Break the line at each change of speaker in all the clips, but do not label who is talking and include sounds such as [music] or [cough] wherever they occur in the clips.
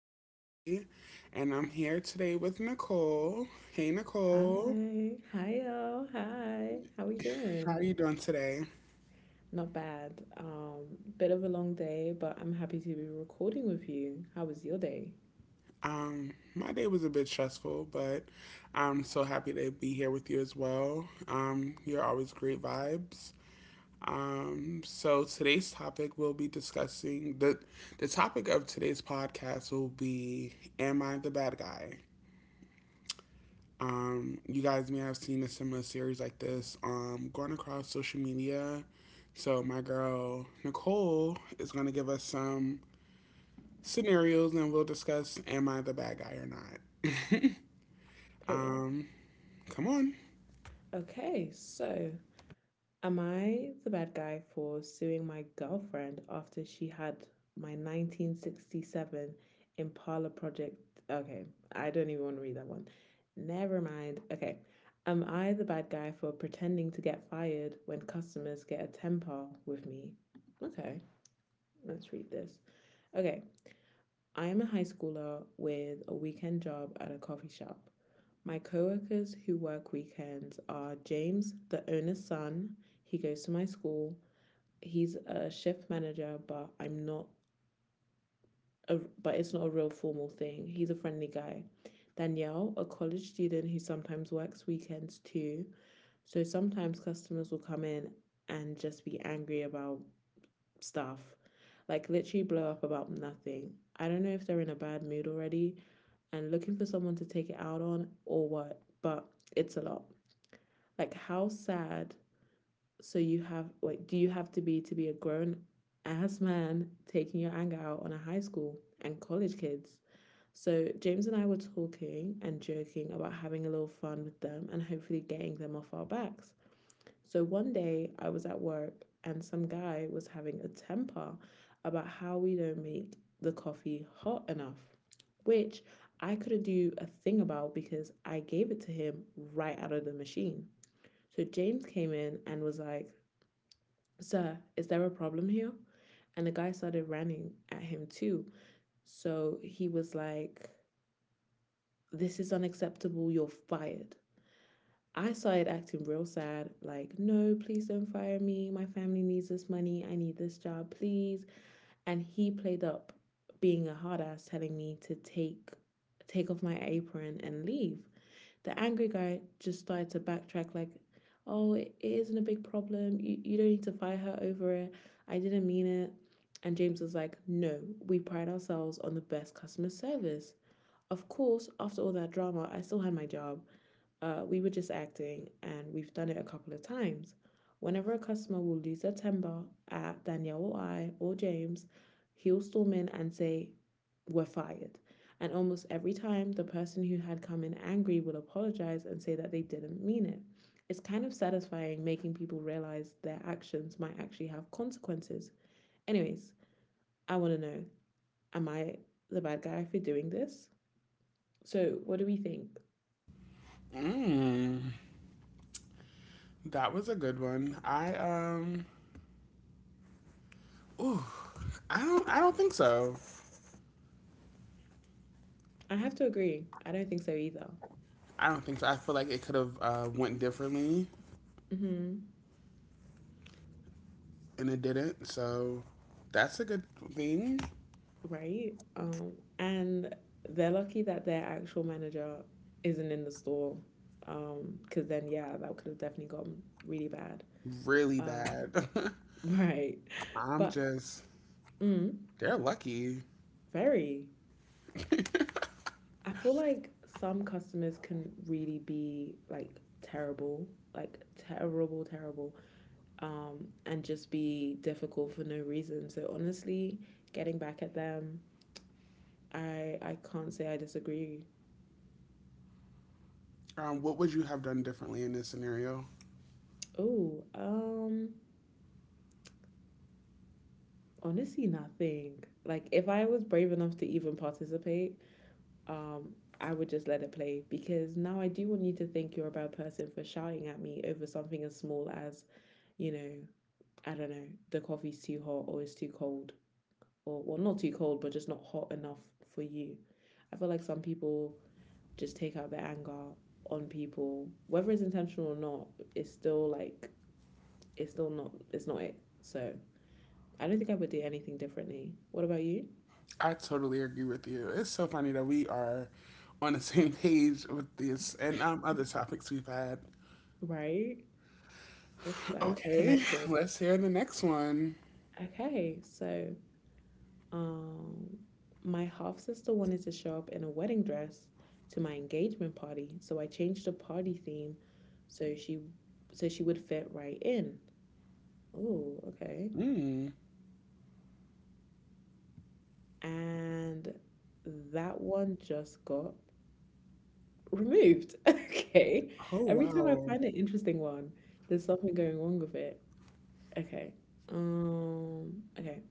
girl Callie, and I'm here today with Nicole. Hey Nicole,
Hi. Hi, y'all. Hi. How we
how
doing?
are you doing today?
Not bad. Bit of a long day, but I'm happy to be recording with you. How was your day?
My day was a bit stressful, but I'm so happy to be here with you as well. You're always great vibes. So today's topic we'll be discussing the topic of today's podcast will be Am I the Bad Guy? You guys may have seen a similar series like this going across social media. So, my girl Nicole is going to give us some scenarios and we'll discuss am I the bad guy or not.
Period.
Um, Come on.
Okay, so am I the bad guy for suing my girlfriend after she had my 1967 Impala project? Okay, I don't even want to read that one. Never mind. Okay. Am I the bad guy for pretending to get fired when customers get a temper with me? Okay, let's read this. Okay, I am a high schooler with a weekend job at a coffee shop. My coworkers who work weekends are James, the owner's son. He goes to my school. He's a shift manager, but I'm not. A, but it's not a real formal thing. He's a friendly guy. Danielle, a college student who sometimes works weekends too. So sometimes customers will come in and just be angry about stuff, like literally blow up about nothing. I don't know if they're in a bad mood already and looking for someone to take it out on or what, but it's a lot. Like, how sad. So you have, wait, do you have to be a grown ass man taking your anger out on a high school and college kids? So James and I were talking and joking about having a little fun with them and hopefully getting them off our backs. So one day I was at work and some guy was having a temper about how we don't make the coffee hot enough, which I couldn't do a thing about because I gave it to him right out of the machine. So James came in and was like, "Sir, is there a problem here?" And the guy started running at him too. So he was like, "This is unacceptable. You're fired." I started acting real sad, like, "No, please don't fire me. My family needs this money. I need this job, please." And he played up being a hard ass, telling me to take off my apron and leave. The angry guy just started to backtrack, like, "Oh, it isn't a big problem. You don't need to fight her over it. I didn't mean it." And James was like, "No, we pride ourselves on the best customer service." Of course after all that drama I still had my job. We were just acting, and we've done it a couple of times. Whenever a customer will lose their temper at Danielle or I or James, he'll storm in and say, "We're fired." And almost every time, the person who had come in angry will apologize and say that they didn't mean it. It's kind of satisfying making people realize their actions might actually have consequences. Anyways, I want to know, am I the bad guy for doing this? So, what do we think?
Mm, that was a good one. I don't think so.
I have to agree. I don't think so either.
I don't think so. I feel like it could have went differently
Mm-hmm.
and it didn't. So that's a good thing.
Right? And they're lucky that their actual manager isn't in the store. Cause then yeah, that could have definitely gotten really bad.
Really
Uh,
bad.
[laughs] right.
[laughs] I'm
But
just
mm,
They're lucky.
very. I feel like some customers can really be like terrible, terrible, and just be difficult for no reason. So honestly, getting back at them, I can't say I disagree.
What would you have done differently in this scenario?
Oh, honestly, nothing. Like if I was brave enough to even participate, um, I would just let it play because now I do want you to think you're a bad person for shouting at me over something as small as, you know, I don't know, the coffee's too hot or it's too cold. Or well not too cold, but just not hot enough for you. I feel like some people just take out their anger on people, whether it's intentional or not, it's still like, it's still not, it's not it. So I don't think I would do anything differently. What about you?
I totally agree with you. It's so funny that we are on the [laughs] same page with this and other topics we've had.
Right? Look at that.
Okay, [laughs]
Connected.
let's hear the next one.
Okay, so um my half sister wanted to show up in a wedding dress to my engagement party, so I changed the party theme so she so she would fit right in. Oh, okay.
Mm.
And that one just got removed. [laughs] Okay.
Oh,
Every time I
wow.
find an interesting one, there's something going wrong with it. Okay. Okay.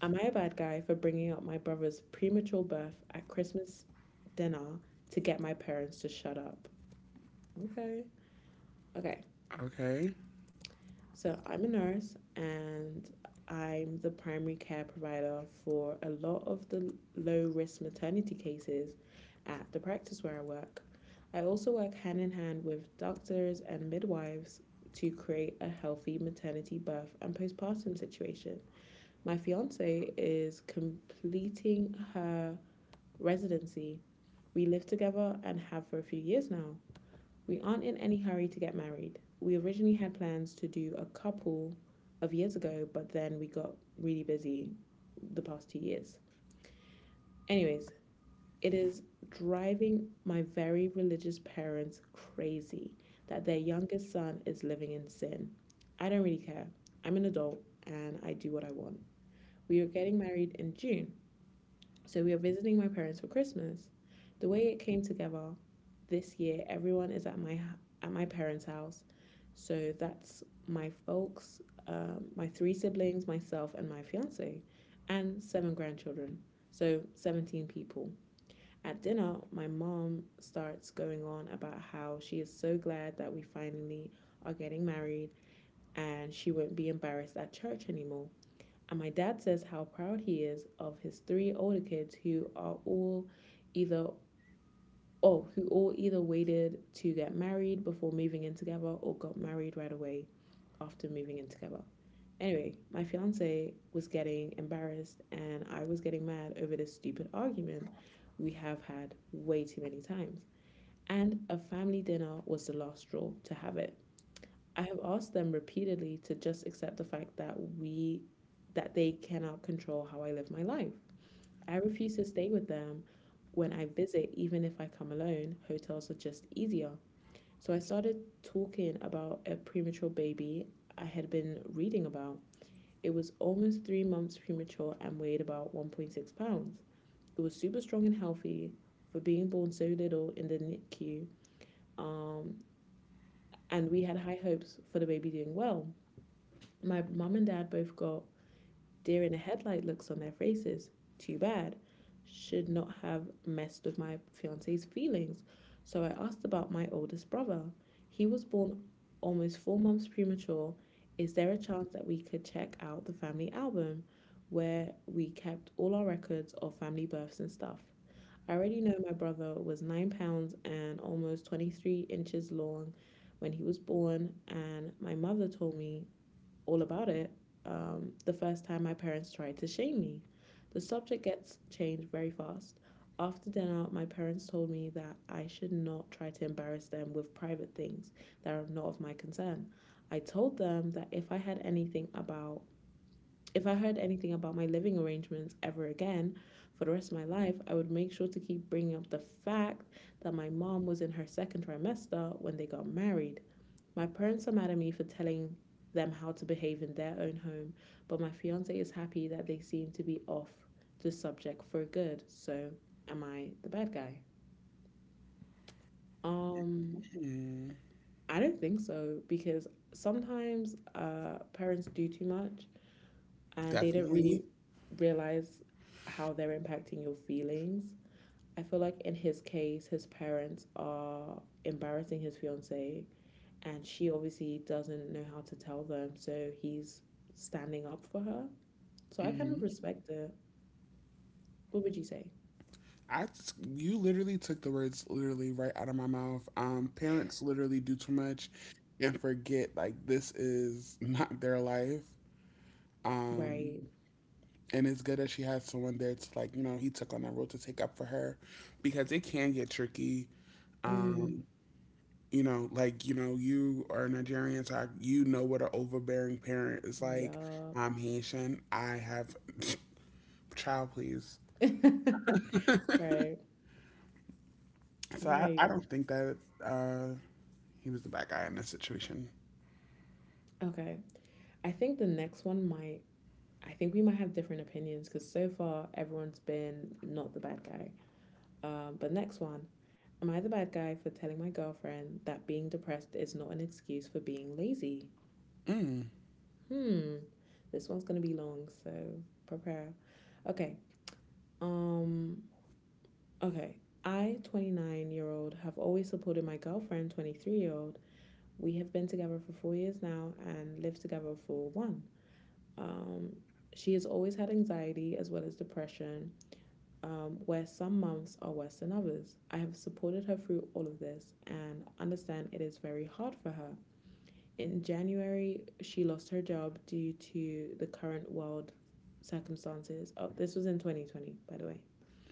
Am I a bad guy for bringing up my brother's premature birth at Christmas dinner to get my parents to shut up? Okay. Okay.
Okay.
So I'm a nurse and I'm the primary care provider for a lot of the low risk maternity cases at the practice where I work. I also work hand in hand with doctors and midwives to create a healthy maternity birth and postpartum situation. My fiance is completing her residency. We live together and have for a few years now. We aren't in any hurry to get married. We originally had plans to do a couple of years ago, but then we got really busy the past 2 years. Anyways, it is driving my very religious parents crazy that their youngest son is living in sin. I don't really care. I'm an adult and I do what I want. We are getting married in June. So we are visiting my parents for Christmas. The way it came together this year, everyone is at at my parents' house. So that's my folks, my three siblings, myself, and my fiance, and seven grandchildren. So 17 people. At dinner, my mom starts going on about how she is so glad that we finally are getting married and she won't be embarrassed at church anymore. And my dad says how proud he is of his three older kids who are all either oh, who all either waited to get married before moving in together or got married right away after moving in together. Anyway, my fiance was getting embarrassed and I was getting mad over this stupid argument we have had way too many times. And a family dinner was the last straw to have it. I have asked them repeatedly to just accept the fact that we that they cannot control how I live my life. I refuse to stay with them when I visit even if I come alone. Hotels are just easier. So I started talking about a premature baby I had been reading about. It was almost 3 months premature and weighed about 1.6 pounds. It was super strong and healthy for being born so little in the NICU. Um and we had high hopes for the baby doing well. My mum and dad both got deer in the headlight looks on their faces. Too bad. Should not have messed with my fiance's feelings. So I asked about my oldest brother. He was born almost 4 months premature. Is there a chance that we could check out the family album where we kept all our records of family births and stuff? I already know my brother was 9 pounds and almost 23 inches long when he was born, and my mother told me all about it. The first time my parents tried to shame me. The subject gets changed very fast. After dinner, my parents told me that I should not try to embarrass them with private things that are not of my concern. I told them that if I had anything about if I heard anything about my living arrangements ever again for the rest of my life, I would make sure to keep bringing up the fact that my mom was in her second trimester when they got married. My parents are mad at me for telling them how to behave in their own home, but my fiance is happy that they seem to be off the subject for good. So, am I the bad guy? Um,
Mm.
I don't think so because sometimes parents do too much and they don't
Definitely.
really realize how they're impacting your feelings. I feel like in his case, his parents are embarrassing his fiance, and she obviously doesn't know how to tell them, so he's standing up for her. So I kind of
Mm.
respect it. What would you say?
You literally took the words literally right out of my mouth. Parents literally do too much and forget like this is not their life. Um,
Right.
and it's good that she has someone there to like you know he took on that role to take up for her because it can get tricky
Mm,
um you know like you know you are Nigerian so you know what an overbearing parent is like.
yup.
I'm Haitian, I have [laughs] [sniffs] child please.
[laughs] Right.
I
Right.
don't think that uh he was the bad guy in this situation.
Okay. I think the next one might, I think we might have different opinions because so far everyone's been not the bad guy. But next one. Am I the bad guy for telling my girlfriend that being depressed is not an excuse for being lazy?
Mm,
Hmm. This one's gonna be long, so prepare. Okay. Um okay. I, 29 year old, have always supported my girlfriend, 23-year-old. We have been together for 4 years now and lived together for one. Um, she has always had anxiety as well as depression. Um, where some months are worse than others. I have supported her through all of this and understand it is very hard for her. In January, she lost her job due to the current world circumstances. Oh, this was in 2020, by the way.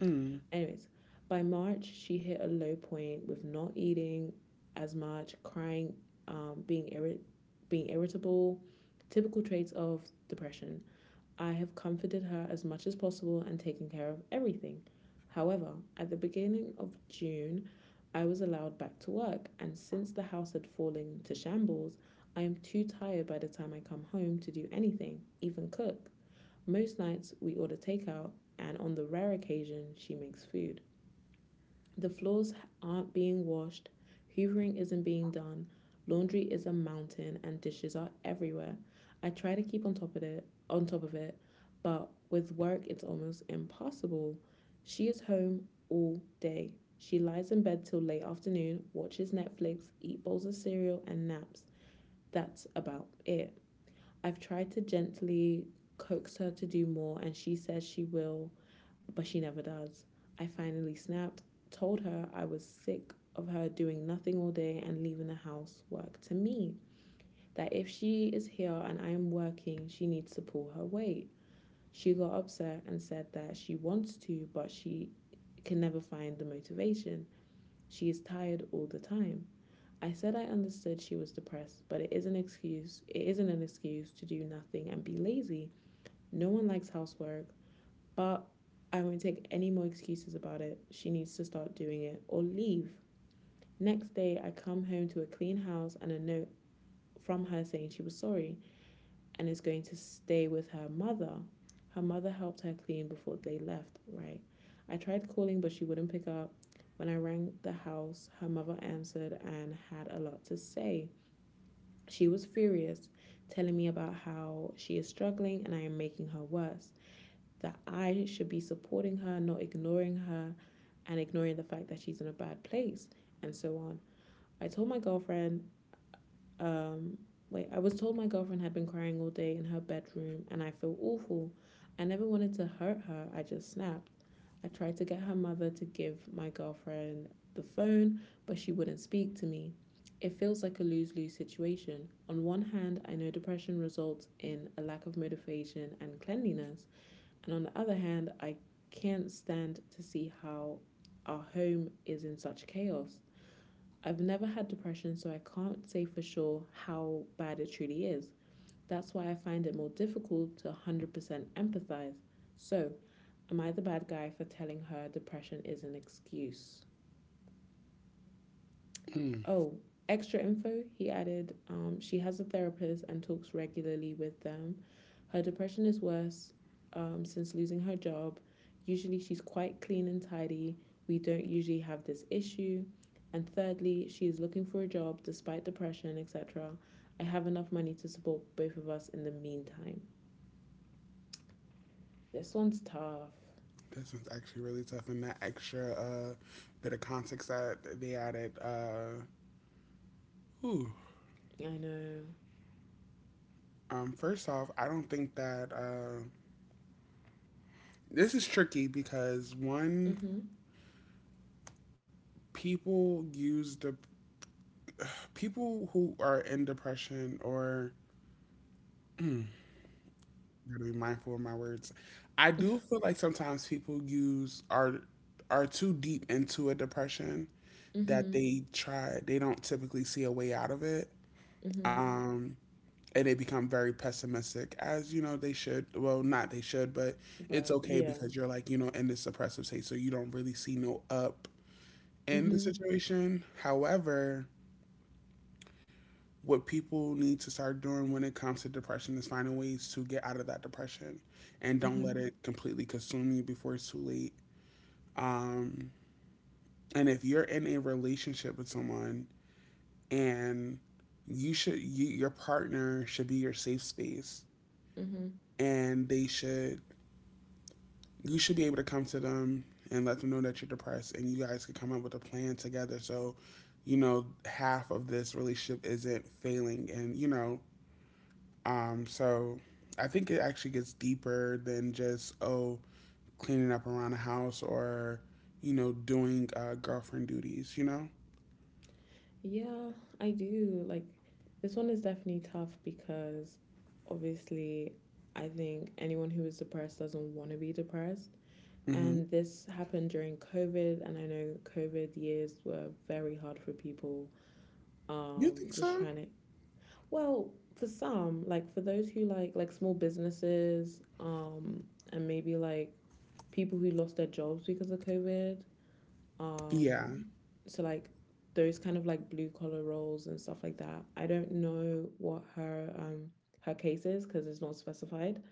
mm,
Anyways, by March, she hit a low point with not eating as much, crying, um, being, irri- being irritable, typical traits of depression. I have comforted her as much as possible and taken care of everything. However, at the beginning of June, I was allowed back to work, and since the house had fallen to shambles, I am too tired by the time I come home to do anything, even cook. Most nights we order takeout, and on the rare occasion, she makes food. The floors aren't being washed, hoovering isn't being done, laundry is a mountain and dishes are everywhere. I try to keep on top of it, on top of it, but with work it's almost impossible. She is home all day. She lies in bed till late afternoon, watches Netflix, eats bowls of cereal and naps. That's about it. I've tried to gently coax her to do more and she says she will but she never does. I finally snapped, told her I was sick of her doing nothing all day and leaving the housework to me. That if she is here and I am working, she needs to pull her weight. She got upset and said that she wants to, but she can never find the motivation. She is tired all the time. I said I understood she was depressed, but it is an excuse. It isn't an excuse to do nothing and be lazy. No one likes housework. But I won't take any more excuses about it. She needs to start doing it or leave. Next day, I come home to a clean house and a note from her saying she was sorry and is going to stay with her mother. Her mother helped her clean before they left, right? I tried calling, but she wouldn't pick up. When I rang the house, her mother answered and had a lot to say. She was furious, telling me about how she is struggling and I am making her worse, that I should be supporting her, not ignoring her, and ignoring the fact that she's in a bad place, and so on. I told my girlfriend, um, I was told my girlfriend had been crying all day in her bedroom, and I feel awful. I never wanted to hurt her, I just snapped. I tried to get her mother to give my girlfriend the phone, but she wouldn't speak to me. It feels like a lose lose situation. On one hand, I know depression results in a lack of motivation and cleanliness. And on the other hand, I can't stand to see how our home is in such chaos. I've never had depression, so I can't say for sure how bad it truly is. That's why I find it more difficult to 100% empathize. So, am I the bad guy for telling her depression is an excuse?
mm.
Oh, extra info, he added. She has a therapist and talks regularly with them. Her depression is worse since losing her job. Usually, she's quite clean and tidy. We don't usually have this issue. And thirdly, she is looking for a job despite depression, etc. I have enough money to support both of us in the meantime. This one's tough.
This one's actually really tough, and that extra bit of context that they added, uh, ooh.
I know.
First off, I don't think that this is tricky because one,
Mhm.
people use the people who are in depression, or I to be mindful of my words. I do feel like sometimes people use are too deep into a depression that
Mhm.
they don't typically see a way out of it.
Mhm.
Um, and they become very pessimistic, as you know they should, well not they should, but it's
But
okay
yeah.
because you're like, you know, in this suppressive state, so you don't really see no up in the
Mhm.
situation. However, what people need to start doing when it comes to depression is finding ways to get out of that depression and don't let
Mhm.
it completely consume you before it's too late. Um, and if you're in a relationship with someone, and your partner should be your safe space,
Mhm.
and they should you should be able to come to them and let them know that you're depressed, and you guys can come up with a plan together so you know half of this relationship isn't failing, and you know. So I think it actually gets deeper than just, oh, cleaning up around the house, or, you know, doing girlfriend duties, you know?
Yeah, I do. Like, this one is definitely tough because obviously, I think anyone who is depressed doesn't want to be depressed.
Hmm.
And this happened during COVID. And I know COVID years were very hard for people.
You
Um,
think
just
so?
trying to, well, for some, like for those who like small businesses, and maybe like people who lost their jobs because of COVID,
Yeah,
um, so like those kind of like blue collar roles and stuff like that. I don't know what her her case is because it's not specified,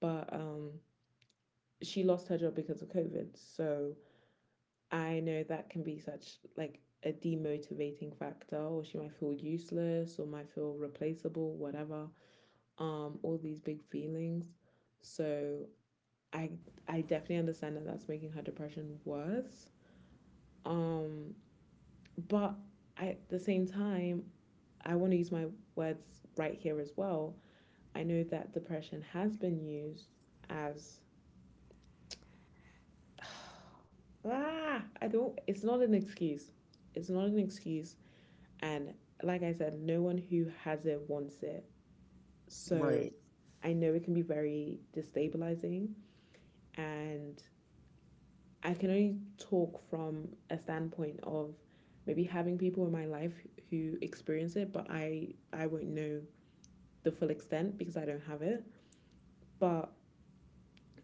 but she lost her job because of COVID. So I know that can be such like a demotivating factor or she might feel useless or might feel replaceable, whatever. All these big feelings. So I I definitely understand that that's making her depression worse. Um But I, at the same time, I want to use my words right here as well. I know that depression has been used as [sighs] I don't it's not an excuse. It's not an excuse and like I said, no one who has it wants it. So
right.
I know it can be very destabilizing and I can only talk from a standpoint of maybe having people in my life who experience it, but I won't know the full extent because I don't have it. But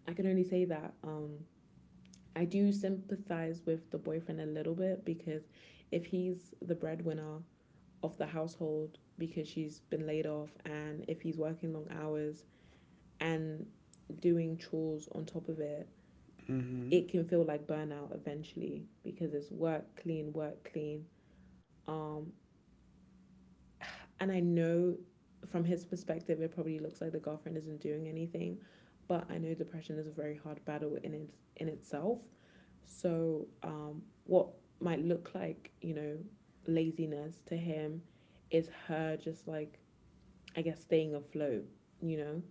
I can only say that I do sympathize with the boyfriend a little bit because if he's the breadwinner of the household because she's been laid off, and if he's working long hours and doing chores on top of it,
Hmm.
it can feel like burnout eventually because it's work, clean, work, clean. Um, And I know from his perspective, it probably looks like the girlfriend isn't doing anything, but I know depression is a very hard battle in it, in itself. So, what might look like, you know, laziness to him is her just like, I guess, staying afloat, you know?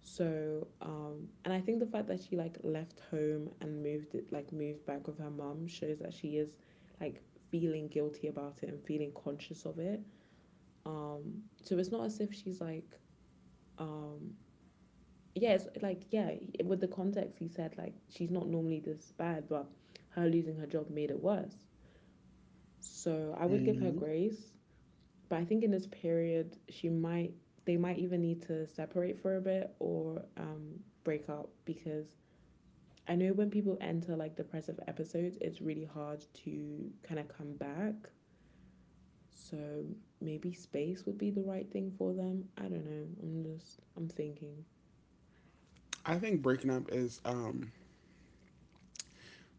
So, and I think the fact that she like left home and moved it, like moved back with her mum shows that she is like feeling guilty about it and feeling conscious of it. So it's not as if she's like, um, yeah, with the context, he said like she's not normally this bad, but her losing her job made it worse. So I would give her
Hmm.
grace, but I think in this period, they might even need to separate for a bit or break up because I know when people enter like depressive episodes, it's really hard to kind of come back. So maybe space would be the right thing for them. I don't know. I'm just I'm thinking.
I think breaking up is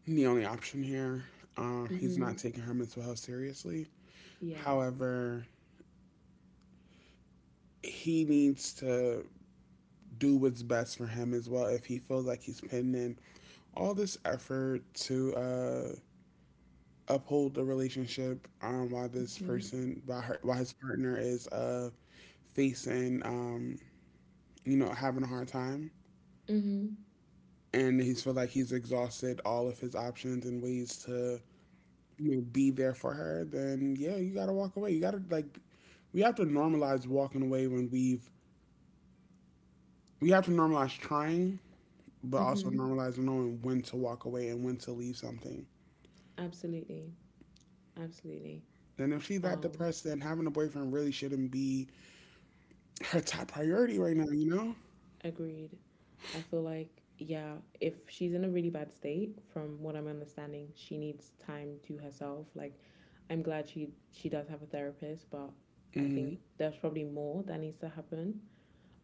the only option here. He's not
Mm-hmm.
taking her mental health seriously.
Yeah.
However, he needs to do what's best for him as well. If he feels like he's putting in all this effort to uphold the relationship, while this
Mm-hmm.
person, while his partner is facing, you know, having a hard time,
Mm-hmm.
and he's feel like he's exhausted all of his options and ways to, you know, be there for her. Then yeah, you gotta walk away. You gotta like, we have to normalize walking away when we've. We have to normalize trying, but also
Mm-hmm.
normalize knowing when to walk away and when to leave something.
Absolutely. Absolutely.
Then if she's that
Um,
depressed, then having a boyfriend really shouldn't be her top priority right now. You know.
Agreed. I feel like, yeah, if she's in a really bad state, from what I'm understanding, she needs time to herself. Like, I'm glad she does have a therapist, but I think
Mm-hmm.
there's probably more that needs to happen.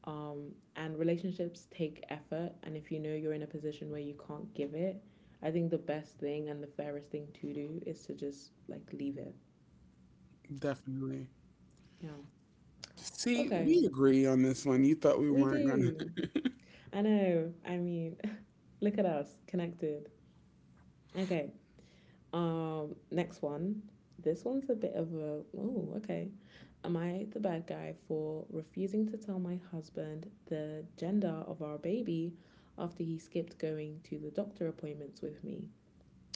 And relationships take effort, and if you know you're in a position where you can't give it, I think the best thing and the fairest thing to do is to just like leave it.
Definitely.
Yeah.
See, we
Okay,
agree on this one. You thought we
we
weren't gonna.
do.
[laughs]
I know. I mean, [laughs] look at us connected. Okay. Next one. This one's a bit of a oh, okay. Am I the bad guy for refusing to tell my husband the gender of our baby after he skipped going to the doctor appointments with me?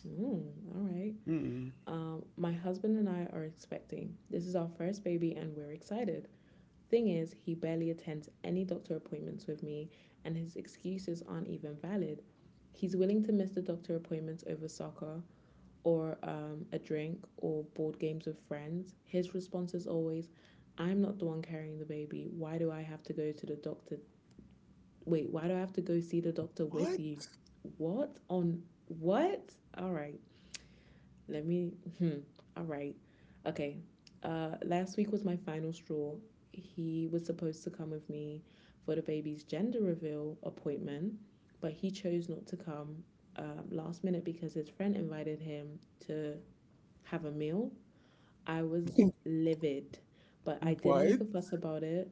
Oh, all right.
Mm.
My husband and I are expecting. This is our first baby and we're excited. Thing is, he barely attends any doctor appointments with me, and his excuses aren't even valid. He's willing to miss the doctor appointments over soccer or a drink or board games with friends. His response is always, I'm not the one carrying the baby. Why do I have to go to the doctor? Wait, Why do I have to go see the doctor with
What?
you? What? On what? All right. Let me. Hmm. All right. Okay. Last week was my final straw. He was supposed to come with me for the baby's gender reveal appointment, but he chose not to come, last minute because his friend invited him to have a meal. I was
[laughs]
livid, but I didn't make
What?
a fuss about it.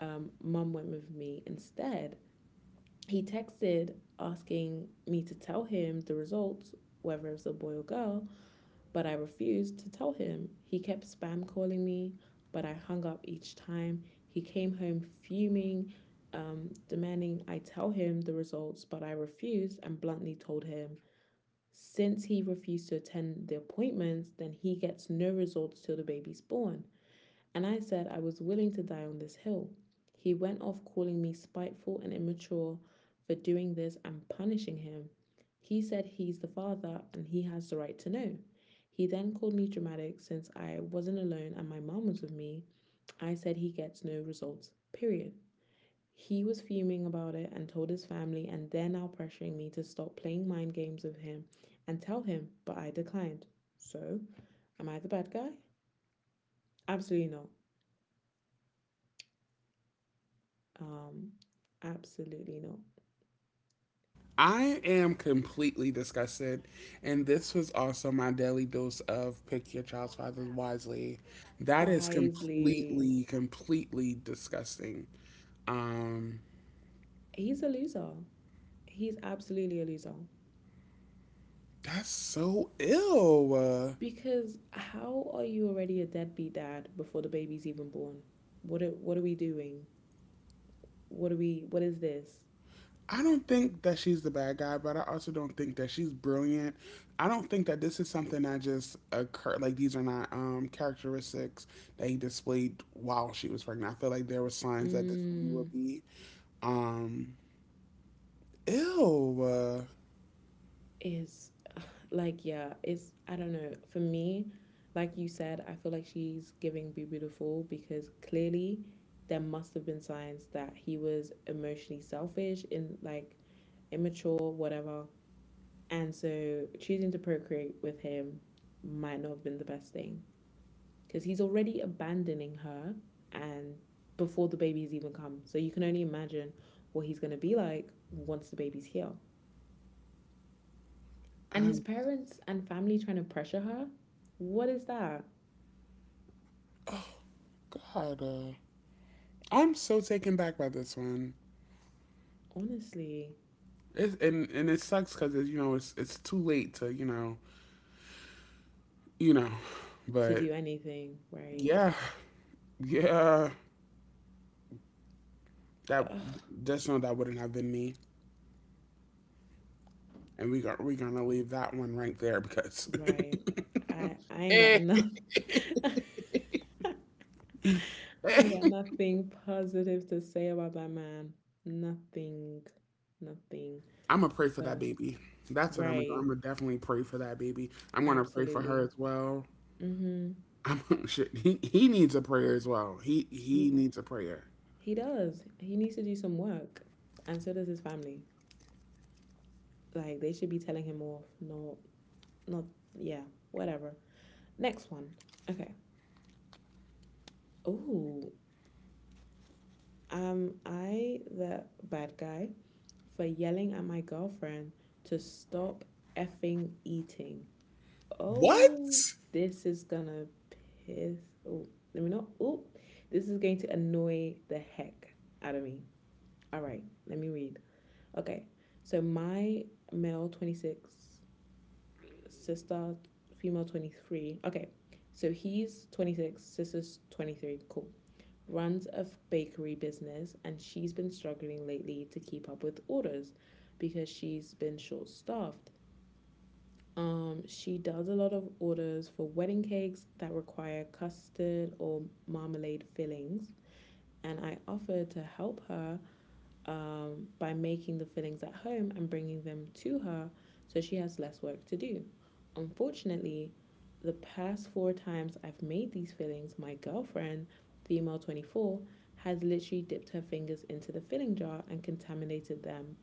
Mum went with me instead. He texted asking me to tell him the results, whether it was a boy or girl, but I refused to tell him. He kept spam calling me, but I hung up each time. He came home fuming, demanding I tell him the results, but I refused and bluntly told him. Since he refused to attend the appointments, then he gets no results till the baby's born and I said I was willing to die on this hill. He went off calling me spiteful and immature for doing this and punishing him. He said he's the father and he has the right to know. He then called me dramatic since I wasn't alone and my mom was with me. I said he gets no results, period. He was fuming about it and told his family, and they're now pressuring me to stop playing mind games with him and tell him, but I declined. So, am I the bad guy? Absolutely not. Um, absolutely not.
I am completely disgusted. And this was also my daily dose of pick your child's father wisely. That is
Wisely,
completely, completely disgusting. Um,
he's a loser. He's absolutely a loser.
that's so ill.
Because how are you already a deadbeat dad before the baby's even born? What are we doing? What are we what is this?
I don't think that she's the bad guy, but I also don't think that she's brilliant. I don't think that this is something that just occurred. Like these are not characteristics that he displayed while she was pregnant. I feel like there were signs that this would
Mm,
be. Um, ew.
is it's I don't know. For me, like you said, I feel like she's giving Be Beautiful because clearly there must have been signs that he was emotionally selfish in like immature, whatever. And so choosing to procreate with him might not have been the best thing because he's already abandoning her and before the baby's even come. So you can only imagine what he's going to be like once the baby's here. And his
I'm
parents and family trying to pressure her. What is that?
God. I'm so taken back by this one.
Honestly,
It's, and it sucks because you know it's too late to you know, you know,
to
but
do anything, right?
yeah, yeah. That,
Ugh,
just know that wouldn't have been me. And we are gonna leave that one right there because
right. I ain't got nothing. [laughs] I
[laughs]
ain't got nothing positive to say about that man. Nothing. Nothing.
I'm gonna pray for that
So,
baby. That's what I'm gonna do.
right.
I'm gonna definitely pray for that baby. I'm gonna pray for her
Absolutely.
as well.
Hmm.
I'm [laughs] shit. He needs a prayer as well. He
He
needs a prayer.
he does. He needs to do some work. And so does his family. Like they should be telling him off. No, not yeah, whatever. Next one. Okay. Ooh. Am I the bad guy for yelling at my girlfriend to stop effing eating? Oh,
What?
this is gonna piss. Oh, let me not. Oh, this is going to annoy the heck out of me. All right, let me read. Okay, so my male 26, sister, female 23. Okay, so he's 26, sister's 23. Cool. Runs a bakery business, and she's been struggling lately to keep up with orders because she's been short staffed. She does a lot of orders for wedding cakes that require custard or marmalade fillings, and I offered to help her by making the fillings at home and bringing them to her so she has less work to do. Unfortunately, the past four times I've made these fillings, my girlfriend, female 24, has literally dipped her fingers into the filling jar and contaminated them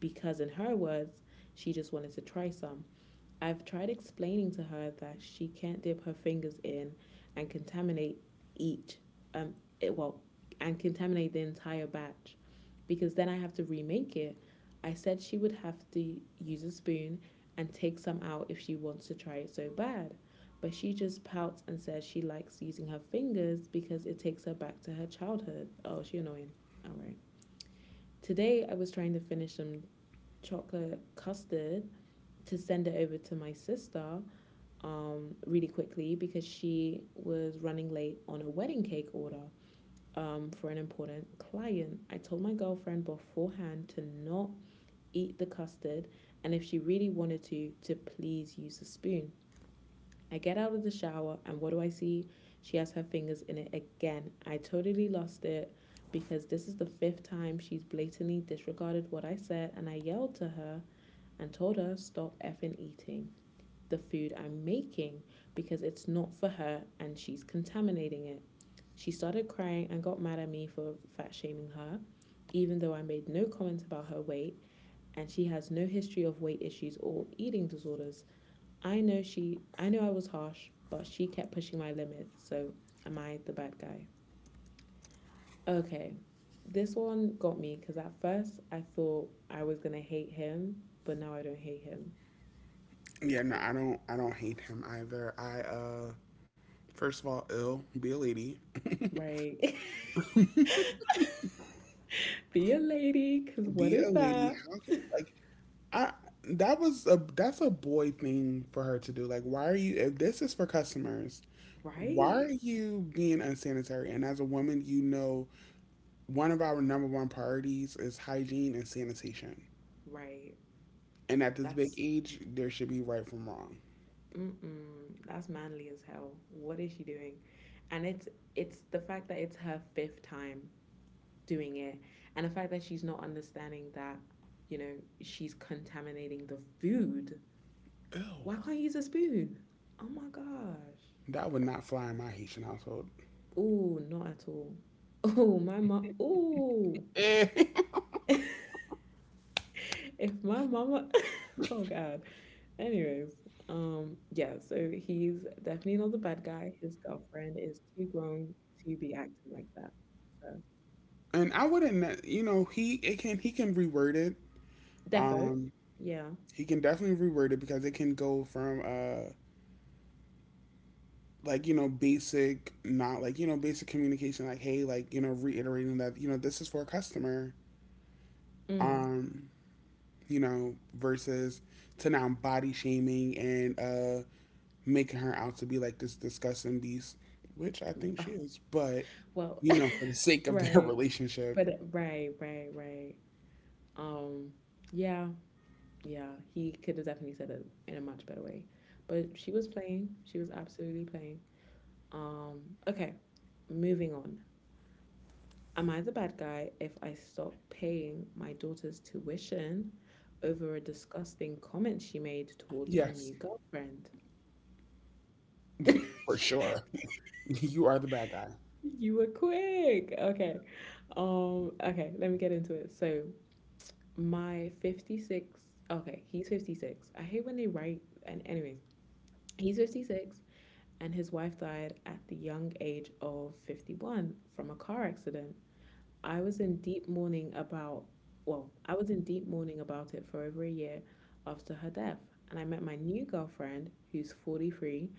because, in her words, she just wanted to try some. I've tried explaining to her that she can't dip her fingers in and contaminate each, um, it, well, and contaminate the entire batch because then I have to remake it. I said she would have to use a spoon and take some out if she wants to try it so bad. But she just pouts and says she likes using her fingers because it takes her back to her childhood. Oh, she annoying. All right. Today I was trying to finish some chocolate custard to send it over to my sister, really quickly because she was running late on a wedding cake order for an important client. I told my girlfriend beforehand to not eat the custard and if she really wanted to please use a spoon. I get out of the shower and what do I see? She has her fingers in it again. I totally lost it because this is the fifth time she's blatantly disregarded what I said and I yelled to her and told her stop effing eating the food I'm making because it's not for her and she's contaminating it. She started crying and got mad at me for fat shaming her, even though I made no comment about her weight and she has no history of weight issues or eating disorders. I know I was harsh, but she kept pushing my limits, so am I the bad guy? Okay. This one got me because at first I thought I was gonna hate him, but now I don't hate him.
Yeah, no, I don't hate him either. I First of all, ill, be a lady.
Right. [laughs] Be a lady, because what
Be a
is
lady.
that?
How can like I That was a, that's a boy thing for her to do. Like, why are you? If this is for customers, why are
Right,
you being unsanitary? And as a woman, you know one of our number one priorities is hygiene and sanitation.
right.
And at this big
That's
age, there should be right from wrong.
mm-mm, that's manly as hell. What is she doing? And it's the fact that it's her fifth time doing it, and the fact that she's not understanding that you know she's contaminating the food.
Ew.
Why can't you use a spoon? Oh my gosh.
That would not fly in my Haitian household.
Oh, not at all. [laughs] Oh, my mom. Oh.
Eh. [laughs]
[laughs] [laughs] if my mama [laughs] oh god anyways yeah, so he's definitely not the bad guy. His girlfriend is too grown to be acting like that, so
and I wouldn't, you know, he can reword it.
defo.
Um,
Yeah,
he can definitely reword it because it can go from like you know basic, not like you know basic communication like hey, like you know reiterating that you know this is for a customer,
mm.
um you know versus to now body shaming and making her out to be like this disgusting beast, which I think
Ah,
she is, but
well
you know, for the
[laughs]
sake of their [laughs]
right,
relationship.
but right. um yeah, yeah, he could have definitely said it in a much better way, but she was absolutely playing. um okay, moving on. Am I the bad guy if I stop paying my daughter's tuition over a disgusting comment she made towards my
Yes,
new girlfriend?
for
[laughs]
sure. [laughs] You are the bad guy.
You were quick. Okay. Okay, let me get into it. So my 56, okay, he's 56. I hate when they write and anyways, he's 56 and his wife died at the young age of 51 from a car accident. I was in deep mourning about, I was in deep mourning about it for over a year after her death, and I met my new girlfriend, who's 43,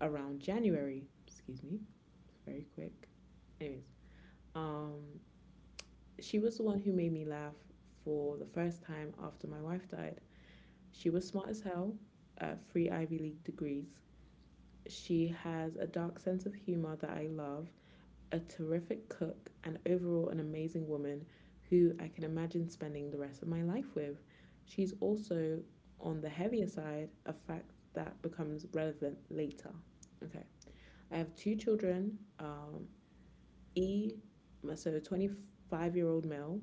around January. Excuse me, it's very quick. Anyways, um, she was the one who made me laugh for the first time after my wife died. She was smart as hell, three Ivy League degrees. She has a dark sense of humor that I love, a terrific cook, and overall an amazing woman who I can imagine spending the rest of my life with. She's also on the heavier side, a fact that becomes relevant later. Okay. I have two children, E, so a 25-year-old male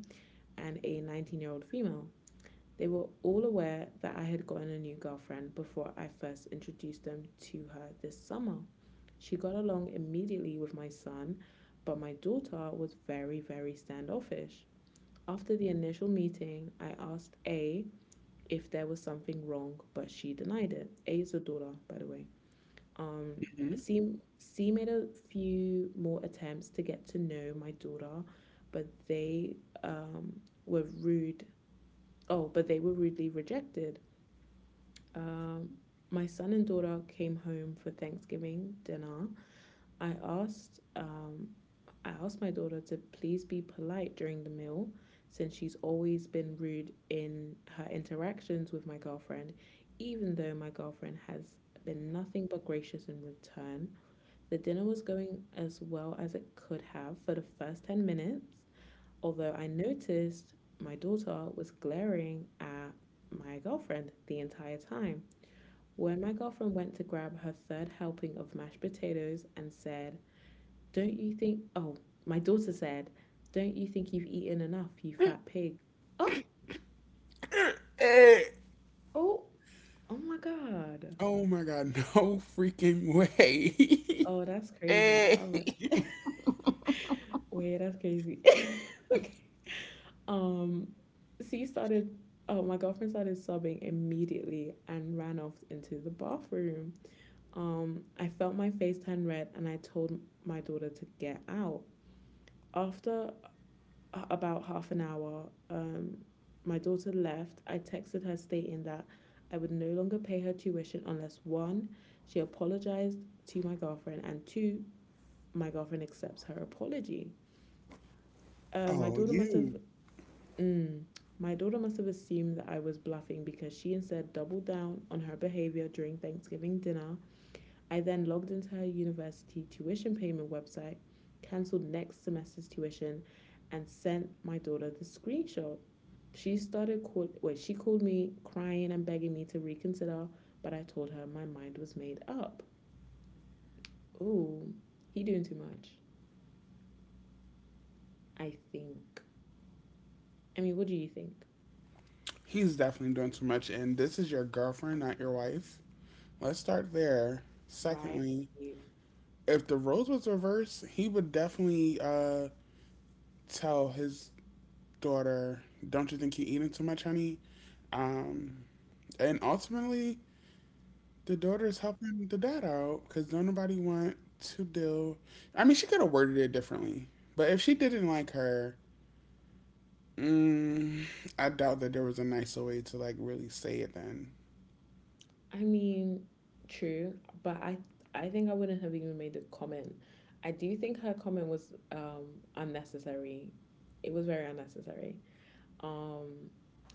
and a 19-year-old female. They were all aware that I had gotten a new girlfriend before I first introduced them to her this summer. She got along immediately with my son, but my daughter was very, very standoffish. After the initial meeting, I asked A if there was something wrong, but she denied it. A is a daughter, by the way. Um,
Mhm.
C made a few more attempts to get to know my daughter, but um, were rude. They were rudely rejected. Um, my son and daughter came home for Thanksgiving dinner. I asked um, I asked my daughter to please be polite during the meal since she's always been rude in her interactions with my girlfriend, even though my girlfriend has been nothing but gracious in return. The dinner was going as well as it could have for the first 10 minutes, although I noticed my daughter was glaring at my girlfriend the entire time. When my girlfriend went to grab her third helping of mashed potatoes and said, "Don't you think, oh," my daughter said, "Don't you think you've eaten enough, you fat pig?" Oh,
Eh.
oh, oh my God.
Oh my god. [laughs] No freaking way.
Oh, that's
[laughs]
crazy.
Eh.
All right. [laughs] Wait, that's crazy. [laughs] okay. Um, she started, oh, my girlfriend started sobbing immediately and ran off into the bathroom. I felt my face turn red and I told my daughter to get out. After about half an hour, my daughter left. I texted her stating that I would no longer pay her tuition unless one, she apologized to my girlfriend, and two, my girlfriend accepts her apology. Uh, my
Oh
daughter must have.
you.
Mm, my daughter must have assumed that I was bluffing because she instead doubled down on her behavior during Thanksgiving dinner. I then logged into her university tuition payment website, cancelled next semester's tuition, and sent my daughter the screenshot. She called me crying and begging me to reconsider, but I told her my mind was made up. Ooh, he doing too much. I think. I mean, what do you think?
He's definitely doing too much, and this is your girlfriend, not your wife. Let's start there.
Right.
Secondly, if the roles was reversed, he would definitely tell his daughter, "Don't you think you're eating too much, honey?" Um, and ultimately, the daughter's helping the dad out because don't nobody want to deal. I mean, she could have worded it differently, but if she didn't like her, mm, I doubt that there was a nicer way to like really say it then,
I mean, true, but I think I wouldn't have even made a comment. I do think her comment was unnecessary. It was very unnecessary. Um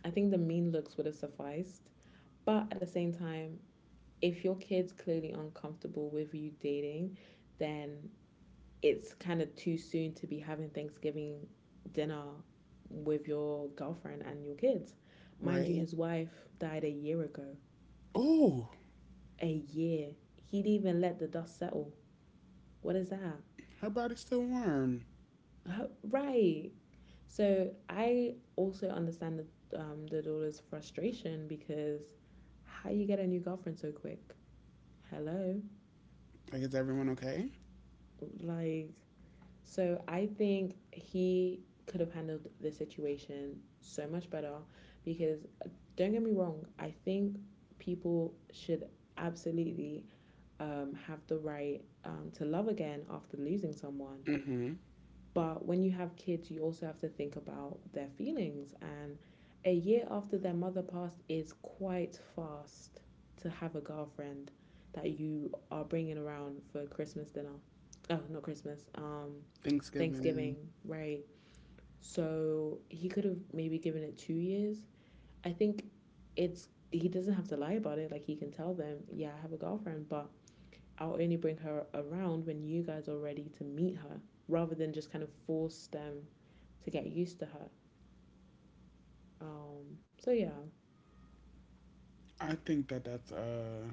I think the mean looks would have sufficed. But at the same time, if your kid's clearly uncomfortable with you dating, then it's kind of too soon to be having Thanksgiving dinner with your girlfriend and your kids. Mind you,
right?
his wife died a year ago.
Oh.
A year. He'd even let the dust settle. What is that?
Her body's still warm.
[laughs] right. So I also understand the daughter's frustration because how you get a new girlfriend so quick? Hello.
Like, is everyone okay?
Like so I think he could have handled the situation so much better because don't get me wrong, I think people should absolutely have the right to love again after losing someone.
Mm-hmm.
But when you have kids, you also have to think about their feelings. And a year after their mother passed is quite fast to have a girlfriend that you are bringing around for Christmas dinner. Oh, not Christmas.
Thanksgiving.
Thanksgiving, right? So he could have maybe given it 2 years. I think it's he doesn't have to lie about it. Like he can tell them, yeah, I have a girlfriend, but I'll only bring her around when you guys are ready to meet her rather than just kind of force them to get used to her. So yeah,
I think that that's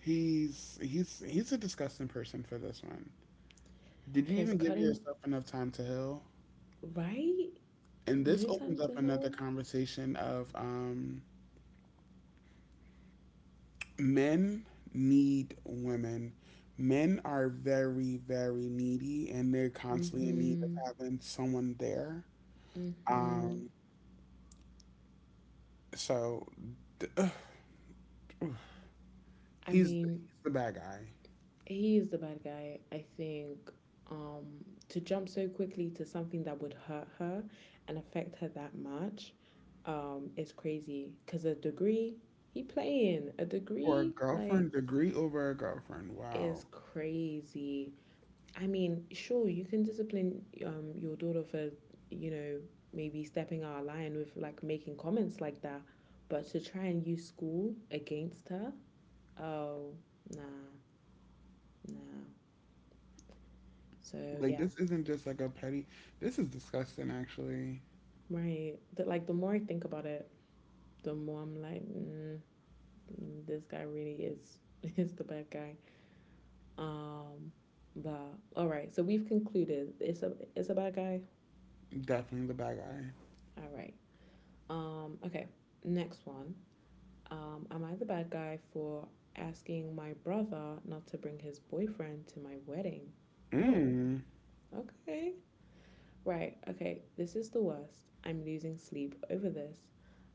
He's he's a disgusting person for this one. Did you
because
even give
cutting,
yourself enough time to heal?
right?
And this
No
opens
time to
up
heal.
another conversation of men need women. Men are very very needy, and they're constantly in need of
Mm-hmm.
having someone there.
Mm-hmm.
Um so
I
he's
mean,
he's the bad guy.
he is the bad guy. I think um, to jump so quickly to something that would hurt her and affect her that much is crazy. Because a degree, he playing. A
For a
degree, like,
girlfriend, degree over a girlfriend. Wow.
is crazy. I mean, sure, you can discipline your daughter for, you know, maybe stepping out of line with like making comments like that, but to try and use school against her. Oh, nah, nah. So
Like
yeah,
this isn't just like a petty. This is disgusting. Actually,
my the, like the more I think about it, the more I'm like, this guy really is [laughs] is the bad guy. Um, but all right, so we've concluded it's a bad guy.
definitely the bad guy.
All right. Okay, next one. Am I the bad guy for asking my brother not to bring his boyfriend to my wedding? Oh,
Mm.
okay. Right, okay, this is the worst. I'm losing sleep over this.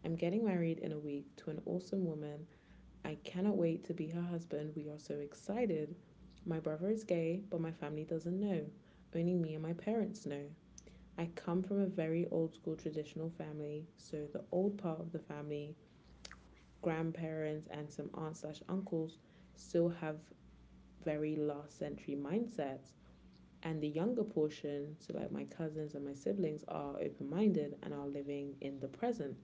I'm getting married in a week to an awesome woman. I cannot wait to be her husband. We are so excited. My brother is gay, but my family doesn't know. Only me and my parents know. I come from a very old school traditional family, so the old part of the family, grandparents and some aunts slash uncles, still have very last century mindsets, and the younger portion, so like my cousins and my siblings, are open-minded and are living in the present.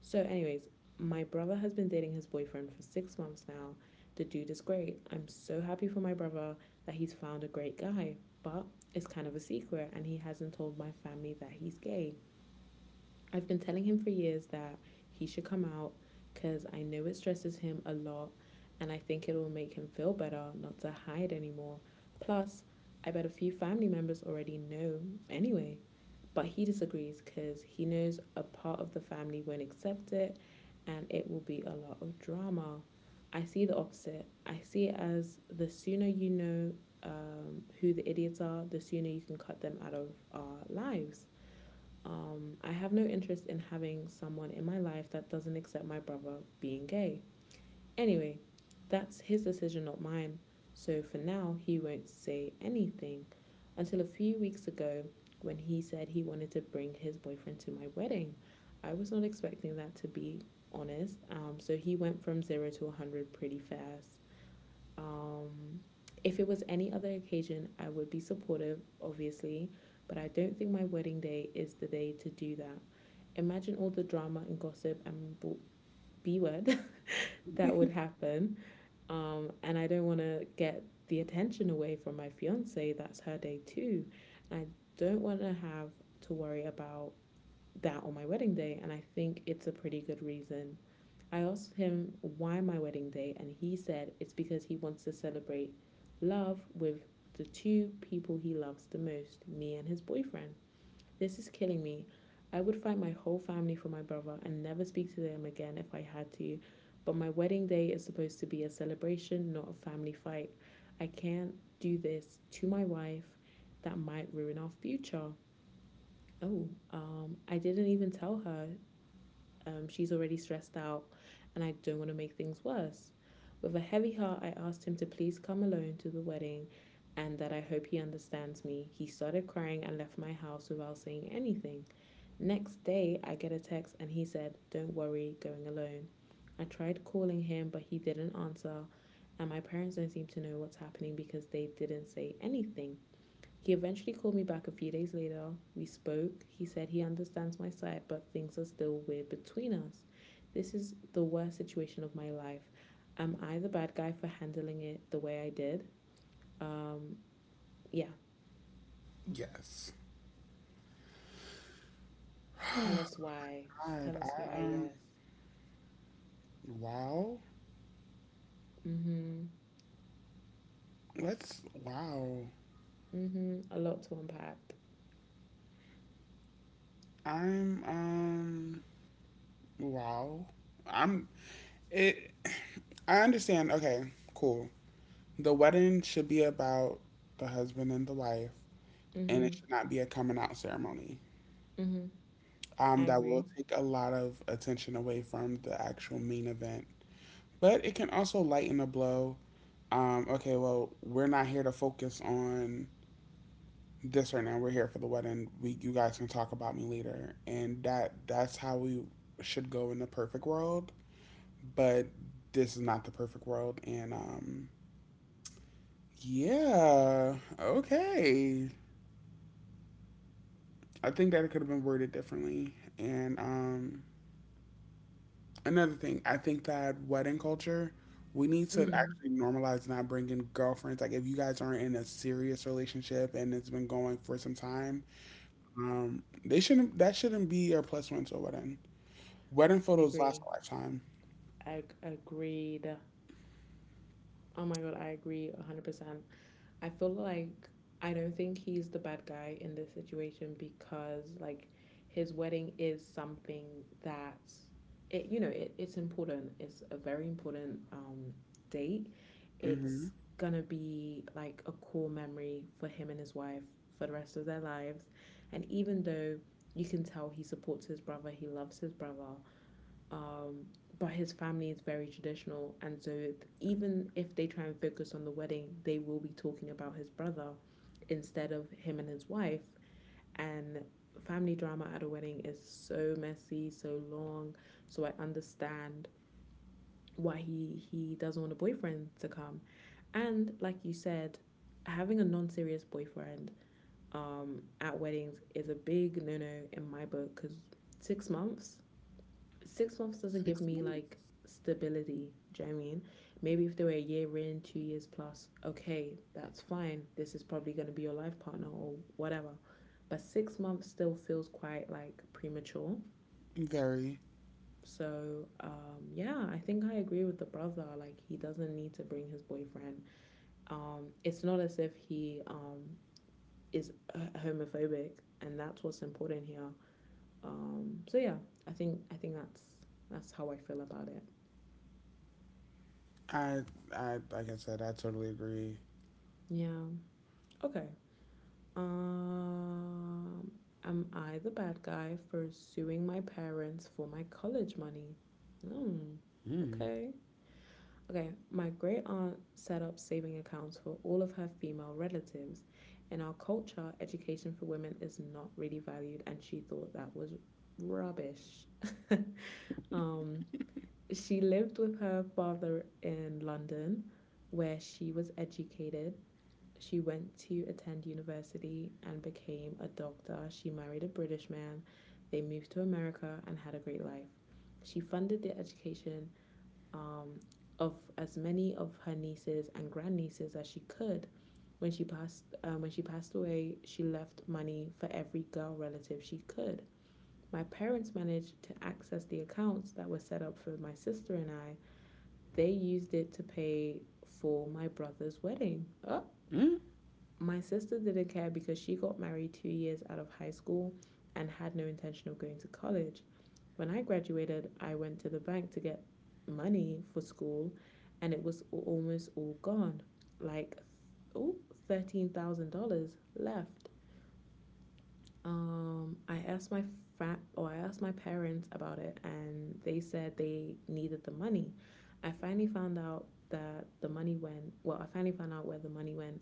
So anyways, my brother has been dating his boyfriend for 6 months now. The dude is great. I'm so happy for my brother that he's found a great guy. But it's kind of a secret, and he hasn't told my family that he's gay. I've been telling him for years that he should come out, because I know it stresses him a lot, and I think it will make him feel better not to hide anymore. Plus, I bet a few family members already know anyway. But he disagrees because he knows a part of the family won't accept it, and it will be a lot of drama. I see the opposite. I see it as the sooner you know who the idiots are, the sooner you can cut them out of our lives. I have no interest in having someone in my life that doesn't accept my brother being gay. Anyway, that's his decision, not mine. So for now, he won't say anything, until a few weeks ago when he said he wanted to bring his boyfriend to my wedding. I was not expecting that, to be honest. So he went from zero to 100 pretty fast. Um, if it was any other occasion, I would be supportive, obviously, but I don't think my wedding day is the day to do that. Imagine all the drama and gossip and B word [laughs] that would happen. And I don't want to get the attention away from my fiance. That's her day too. And I don't want to have to worry about that on my wedding day, and I think it's a pretty good reason. I asked him why my wedding day, and he said it's because he wants to celebrate love with the two people he loves the most, me and his boyfriend. This is killing me. I would fight my whole family for my brother and never speak to them again if I had to. But my wedding day is supposed to be a celebration, not a family fight. I can't do this to my wife. That might ruin our future. Oh, I didn't even tell her. She's already stressed out, and I don't want to make things worse. With a heavy heart, I asked him to please come alone to the wedding and that I hope he understands me. He started crying and left my house without saying anything. Next day, I get a text and he said, "Don't worry, going alone." I tried calling him, but he didn't answer, and my parents don't seem to know what's happening because they didn't say anything. He eventually called me back a few days later. We spoke. He said he understands my side, but things are still weird between us. This is the worst situation of my life. Am I the bad guy for handling it the way I did? Um, yeah.
Yes.
Tell us why. Tell
God.
us
I
why,
um.
yes.
Wow.
Mm-hmm.
Let's. Wow.
Mm-hmm. A lot to unpack.
I'm. Wow. I'm. It. I understand. Okay. Cool. The wedding should be about the husband and the wife, and it
Mm-hmm.
should not be a coming out ceremony.
Mm-hmm. I
Um, that
agree.
will take a lot of attention away from the actual main event. But it can also lighten a blow. Okay, well, we're not here to focus on this right now. We're here for the wedding. We, you guys can talk about me later, and that, that's how we should go in the perfect world. But this is not the perfect world, and yeah, okay. I think that it could have been worded differently, and another thing, I think that wedding culture, we need to
Mm.
actually normalize not bringing girlfriends. Like, if you guys aren't in a serious relationship and it's been going for some time, they shouldn't. That shouldn't be your plus one to a wedding. Wedding
I
photos last
agree.
a lifetime.
Agreed. Oh my God, I agree 100%. I feel like I don't think he's the bad guy in this situation, because like his wedding is something that it's important. It's a very important date.
Hmm.
It's gonna be like a core memory for him and his wife for the rest of their lives. And even though you can tell he supports his brother, he loves his brother, um, but his family is very traditional, and so even if they try and focus on the wedding, they will be talking about his brother instead of him and his wife. And family drama at a wedding is so messy, so long. So I understand why he doesn't want a boyfriend to come. And like you said, having a non-serious boyfriend at weddings is a big no-no in my book, because six months 6 months doesn't give
Six
me
months.
like stability. Do you know what I mean? Maybe if they were a year in, 2 years plus, okay, that's fine. This is probably going to be your life partner or whatever. But 6 months still feels quite like premature.
Very.
So, yeah, I think I agree with the brother. Like, he doesn't need to bring his boyfriend. It's not as if he is homophobic, and that's what's important here. So yeah, I think that's how I feel about it.
I. I. Like I said, I totally agree.
Yeah. Okay. Um, am I the bad guy for suing my parents for my college money? Hmm.
Mm.
Okay. Okay. My great aunt set up saving accounts for all of her female relatives. In our culture, education for women is not really valued, and she thought that was rubbish. [laughs] um, she lived with her father in London, where she was educated. She went to attend university and became a doctor. She married a British man. They moved to America and had a great life. She funded the education um, of as many of her nieces and grandnieces as she could. When she passed away, she left money for every girl relative she could. My parents managed to access the accounts that were set up for my sister and I. They used it to pay for my brother's wedding. Oh,
Mm.
my sister didn't care because she got married 2 years out of high school and had no intention of going to college. When I graduated, I went to the bank to get money for school, and it was almost all gone, like, oh, $13,000 left. I asked my I asked my parents about it, and they said they needed the money. I finally found out that the money went. Well, I finally found out where the money went.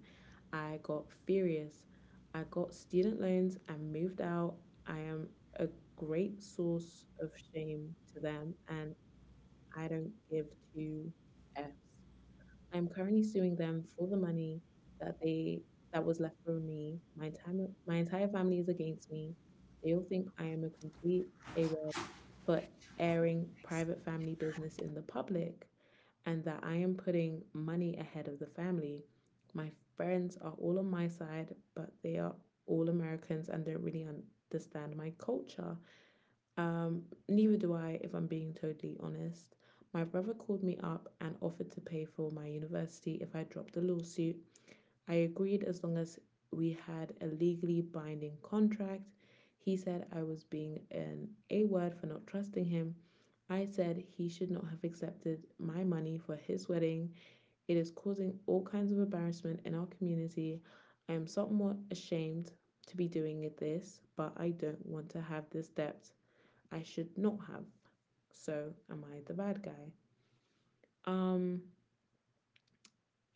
I got furious. I got student loans and moved out. I am a great source of shame to them, and I don't give two f's. I'm currently suing them for the money that they that was left for me. My entire family is against me. They all think I am a complete AWOL for airing private family business in the public, and that I am putting money ahead of the family. My friends are all on my side, but they are all Americans and don't really understand my culture. Um, Neither do I, if I'm being totally honest. My brother called me up and offered to pay for my university if I dropped the lawsuit. I agreed as long as we had a legally binding contract. He said I was being an A word for not trusting him. I said he should not have accepted my money for his wedding. It is causing all kinds of embarrassment in our community. I am somewhat ashamed to be doing this, but I don't want to have this debt I should not have. So am I the bad guy? Um,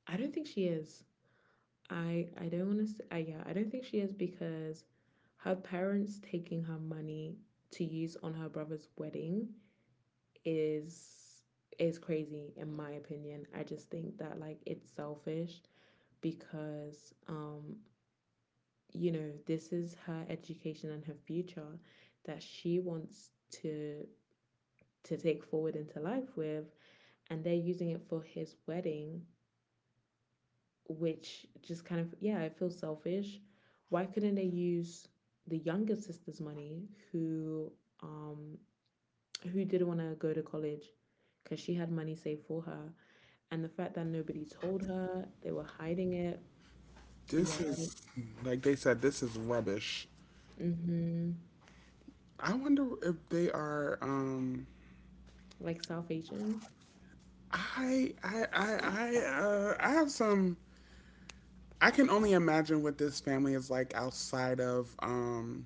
I don't think she is. I don't want to. I Yeah, I don't think she is, because her parents taking her money to use on her brother's wedding is crazy in my opinion. I just think that like it's selfish, because you know, this is her education and her future that she wants to take forward into life with, and they're using it for his wedding, which just kind of, yeah, I feel selfish. Why couldn't they use the younger sister's money um who didn't want to go to college because she had money saved for her, and the fact that nobody told her they were hiding it, yeah.
This is, like they said, this is rubbish.
Mm-hmm.
I wonder if they are. Um,
Like south Asian.
I I I I I have some. I can only imagine what this family is like outside of.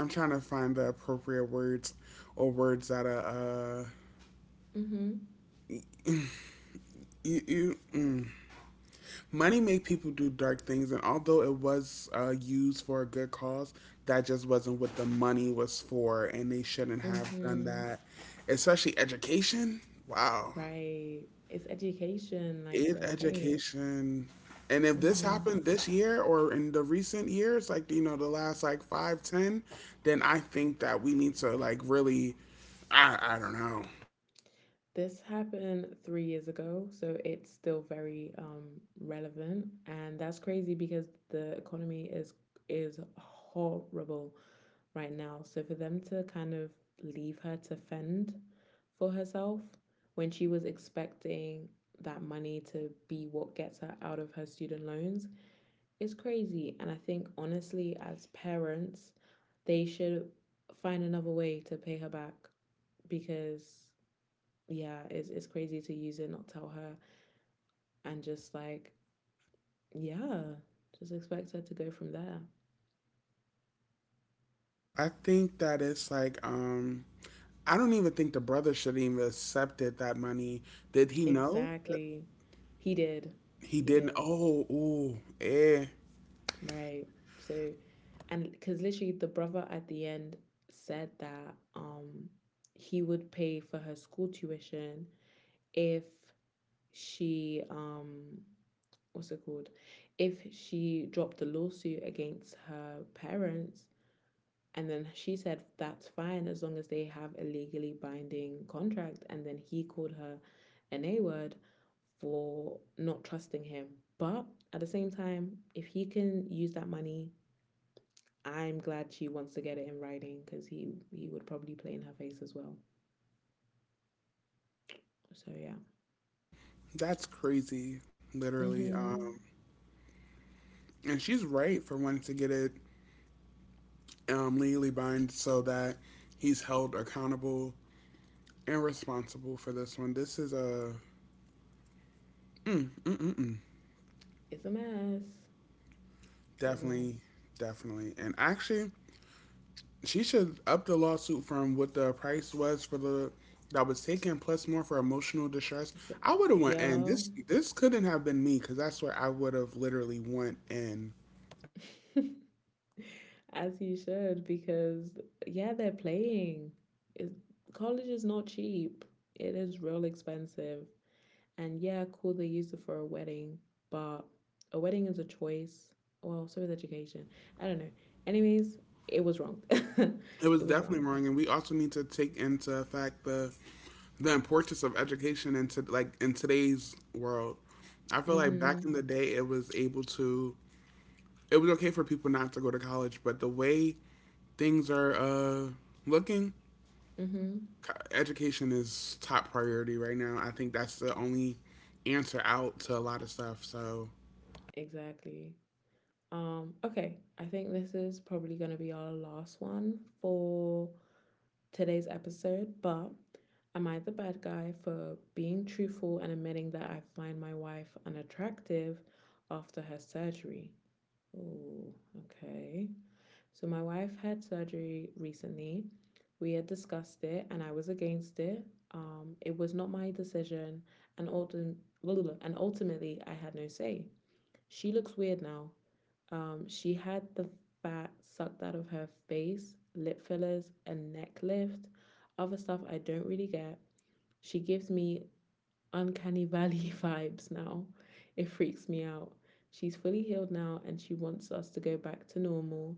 I'm trying to find the appropriate words or words that are.
Mm-hmm.
You, you mm. Money made people do dark things, and although it was used for a good cause, that just wasn't what the money was for, and they shouldn't have done
Mm-hmm.
that. Especially education. Wow.
Right. It's education, like
In
they're playing.
education, and if this
Mm-hmm.
happened this year or in the recent years, like, you know, the last like five ten, then I think that we need to, like, really I don't know.
This happened 3 years ago, so it's still very relevant, and that's crazy because the economy is horrible right now. So for them to kind of leave her to fend for herself when she was expecting that money to be what gets her out of her student loans is crazy. And I think honestly, as parents, they should find another way to pay her back because yeah, it's crazy to use it, not tell her, and just like yeah, just expect her to go from there.
I think that it's like I don't even think the brother should even accepted that money. Did he know that?
Exactly. He did.
He
He
didn't.
did.
Oh, ooh, eh.
Right. So, and because literally the brother at the end said that he would pay for her school tuition if she what's it called, if she dropped the lawsuit against her parents. And then she said, that's fine as long as they have a legally binding contract. And then he called her an A word for not trusting him. But at the same time, if he can use that money, I'm glad she wants to get it in writing because he would probably play in her face as well. So, yeah.
That's crazy literally.
Mm-hmm.
And she's right for wanting to get it, um, legally bind so that he's held accountable, irresponsible for this one. This is a mm-mm-mm.
It's a mess. It's a
Definitely,
mess.
definitely, and actually, she should up the lawsuit from what the price was for the that was taken, plus more for emotional distress.
D-
I would have went in.
yeah.
This couldn't have been me because that's where I would have literally went in.
[laughs] As you should, because yeah, they're playing. It, college is not cheap. It is real expensive. And yeah, cool, they used it for a wedding, but a wedding is a choice. Well, so is education. I don't know. Anyways, it was wrong. [laughs]
It was
It was
definitely
wrong.
wrong, and we also need to take into effect the importance of education into, like, in today's world. I feel like back in
Mm-hmm.
the day, it was able to it was okay for people not to go to college, but the way things are looking,
Mm-hmm.
education is top priority right now. I think that's the only answer out to a lot of stuff. So,
Exactly. Okay. I think this is probably gonna be our last one for today's episode, but am I the bad guy for being truthful and admitting that I find my wife unattractive after her surgery? Oh, okay. So, my wife had surgery recently. We had discussed it and I was against it. It was not my decision, and, and ultimately, I had no say. She looks weird now, she had the fat sucked out of her face, lip fillers, a neck lift, other stuff I don't really get. She gives me uncanny valley [laughs] vibes now. It freaks me out. She's fully healed now and she wants us to go back to normal,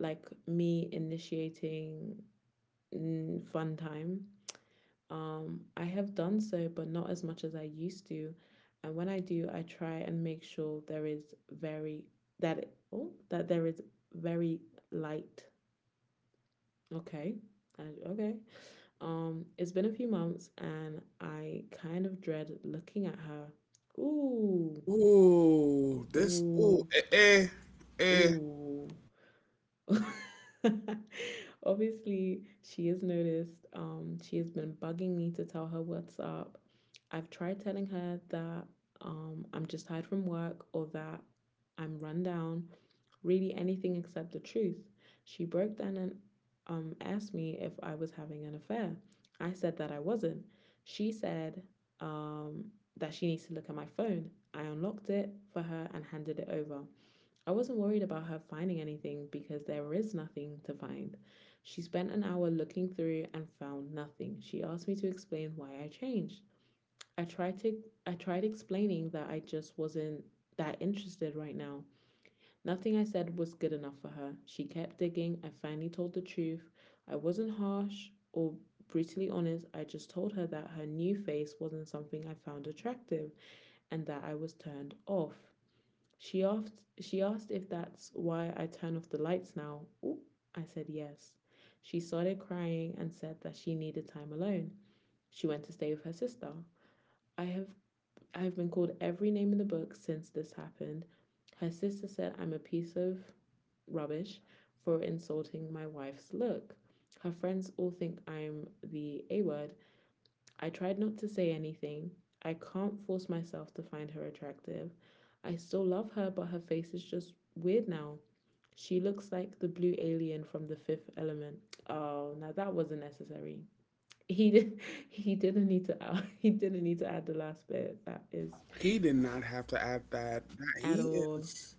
like me initiating mm, fun time. I have done so, but not as much as I used to. And when I do, I try and make sure there is very that it, oh that there is very light. Okay, okay. It's been a few months, and I kind of dread looking at her. Ooh,
ooh, this, ooh,
ooh,
eh, eh, eh.
ooh. [laughs] Obviously, she has noticed. She has been bugging me to tell her what's up. I've tried telling her that I'm just tired from work or that I'm run down. Really, anything except the truth. She broke down and asked me if I was having an affair. I said that I wasn't. She said um, that she needs to look at my phone. I unlocked it for her and handed it over. I wasn't worried about her finding anything because there is nothing to find. She spent an hour looking through and found nothing. She asked me to explain why I changed. I tried to I tried explaining that I just wasn't that interested right now. Nothing I said was good enough for her. She kept digging. I finally told the truth. I wasn't harsh or brutally honest. I just told her that her new face wasn't something I found attractive and that I was turned off. She asked if that's why I turn off the lights now. Ooh, I said yes. She started crying and said that she needed time alone. She went to stay with her sister. I have I have been called every name in the book since this happened. Her sister said I'm a piece of rubbish for insulting my wife's look. Her friends all think I'm the A word. I tried not to say anything. I can't force myself to find her attractive. I still love her, but her face is just weird now. She looks like the blue alien from The Fifth Element. Oh, now that wasn't necessary. [laughs] He did he didn't need to, [laughs] out he didn't need to add the last bit. That is
He did not have to add that. That-
at
He
all.
is,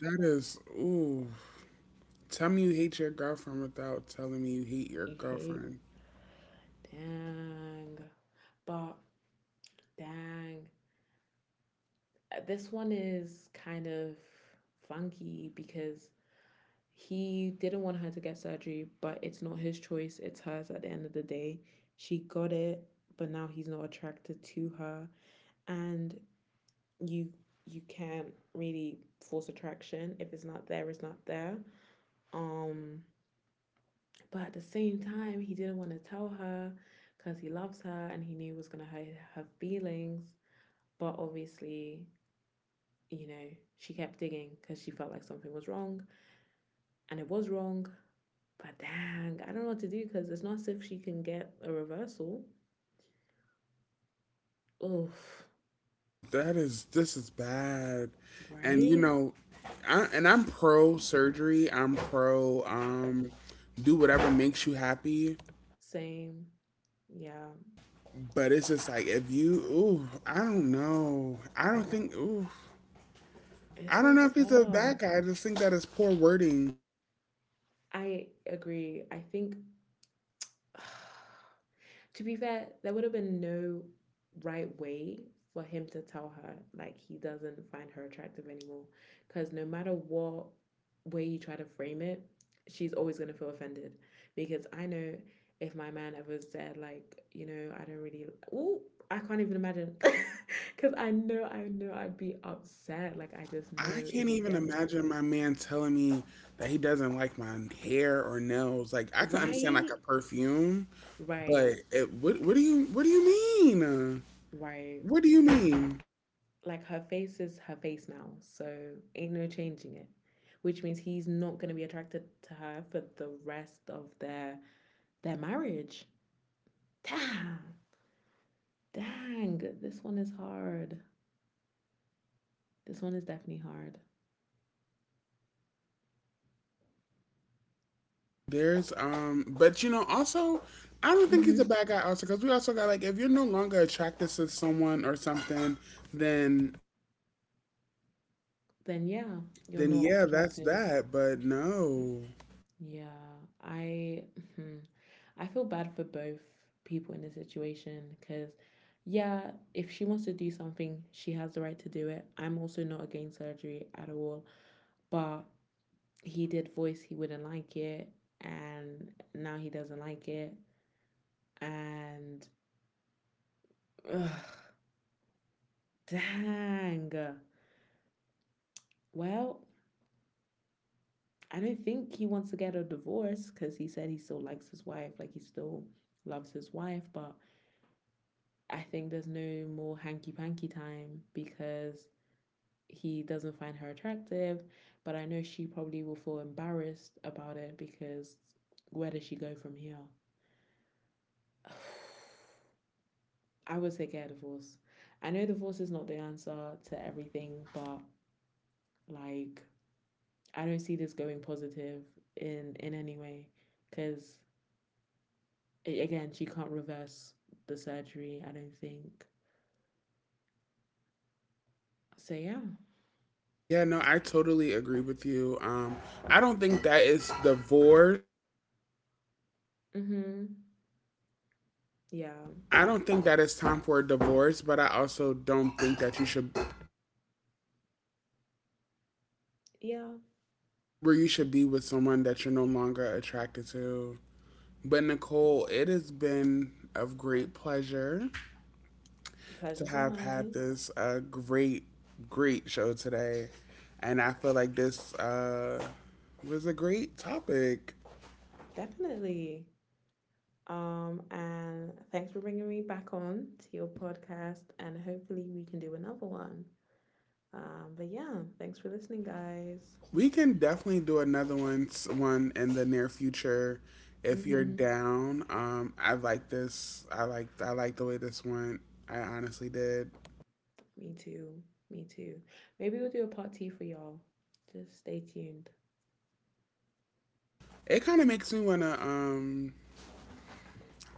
that is, ooh. Tell me you hate your girlfriend without telling me you hate your
You hate
girlfriend.
dang. But dang. This one is kind of funky because he didn't want her to get surgery, but it's not his choice, it's hers at the end of the day. She got it, but now he's not attracted to her, and you you can't really force attraction. If it's not there, it's not there. um but at the same time he didn't want to tell her because he loves her and he knew it was going to hurt her feelings, but obviously, you know, she kept digging because she felt like something was wrong, and it was wrong. But dang, I don't know what to do because it's not as if she can get a reversal. Oof,
That is this is bad. And you
right?
know, I'm pro surgery. I'm pro do whatever makes you happy.
Same. Yeah.
But it's just like if you ooh, I don't know. I don't think ooh. I
This
don't
one's
know if he's a
tough.
bad guy. I just think that is poor wording.
I agree. I think [sighs] to be fair, there would have been no right way for him to tell her like he doesn't find her attractive anymore. Because no matter what way you try to frame it, she's always gonna feel offended. Because I know if my man ever said like, you know, I don't really, oh, I can't even imagine. Because [laughs] I know, I'd be upset. Like I just
I
know it
can't
would
even
get me.
imagine my man telling me that he doesn't like my hair or nails. Like, I can understand like a
Right,
perfume, but
right,
it, what do you what do you mean?
right.
What do you
'Cause
mean?
like her face is her face now, so ain't no changing it. Which means he's not gonna be attracted to her for the rest of their marriage. Damn, dang, this one is hard. This one is definitely hard.
There's but, you know, also, I don't think he's a
Hmm.
bad guy. Also, because we also got, like, if you're no longer attracted to someone or something, then
Then yeah, you're
then
not
yeah, that's
attracted.
that. But no,
Yeah, I hmm, I feel bad for both people in this situation because yeah, if she wants to do something, she has the right to do it. I'm also not against surgery at all. But he did voice he wouldn't like it, and now he doesn't like it, and ugh, dang. Well, I don't think he wants to get a divorce because he said he still likes his wife, like he still loves his wife, but I think there's no more hanky panky time because he doesn't find her attractive. But I know she probably will feel embarrassed about it because where does she go from here? [sighs] I would say get a divorce. I know divorce is not the answer to everything, but like I don't see this going positive in any way because again she can't reverse the surgery. I don't think. So yeah.
yeah, no, I totally agree with you. I don't think that is divorce.
Mhm. Yeah.
I don't think that it's time for a divorce, but I also don't think that you should
Yeah.
where you should be with someone that you're no longer attracted to. But Nicole, it has been of great pleasure to
Pleasure's all
have had
mine.
this great, great show today. And I feel like this was a great topic.
Definitely. Um, and thanks for bringing me back on to your podcast, and hopefully we can do another one. Um, but yeah, thanks for listening, guys.
We can definitely do another one, one in the near future if you're
Mhm.
down. I like this. I like the way this went. I honestly did.
Me too. Me too. Maybe we'll do a part two for y'all. Just stay tuned. [laughs]
It kind of makes me wanna.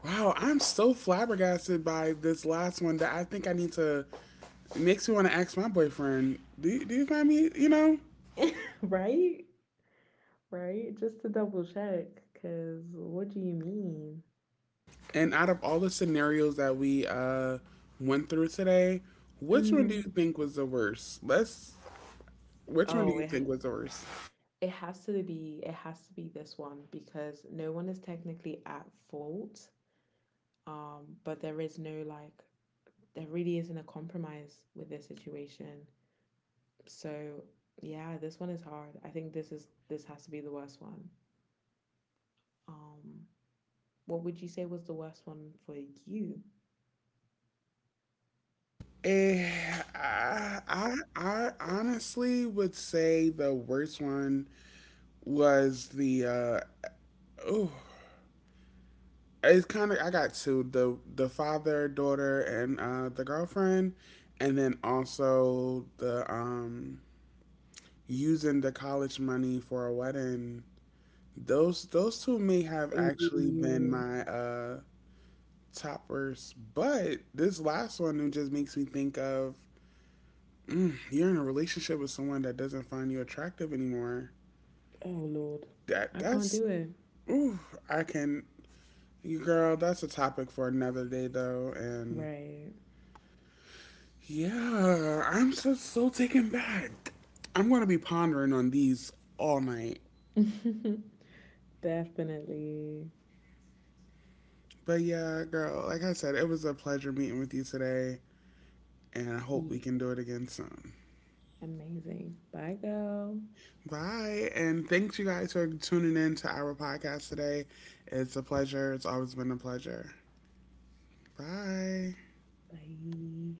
Wow, I'm so flabbergasted by this last one that I think I need to. It makes me wanna ask my boyfriend. Do you find me? You know,
Right? Right? Just to double check, because what do you mean?
and out of all the scenarios that we went through today, which one do you
Mm-hmm.
think was the worst? Let's. Which one do
Oh,
you
yeah.
think was the worst?
It has to be this one because no one is technically at fault. But there is no like there really isn't a compromise with this situation. So yeah, this one is hard. I think this is this has to be the worst one. Um, what would you say was the worst one for you?
Eh, I, I I honestly would say the worst one was the it's kind of I got two, the father daughter and the girlfriend, and then also the using the college money for a wedding. Those two may have actually been
Ooh.
my toppers, but this last one it just makes me think of, you're in a relationship with someone that doesn't find you attractive anymore.
Oh Lord.
That
I can't
that's
do it.
ooh, I can you girl, that's a topic for another day though, and
Right.
yeah, I'm just so taken back. I'm gonna be pondering on these all night.
[laughs] Definitely.
But yeah, girl, like I said, it was a pleasure meeting with you today, and I hope
Eat
we can do it again soon.
amazing. Bye girl.
Bye. And thanks you guys for tuning in to our podcast today. It's a pleasure. It's always been a pleasure. Bye.
Bye.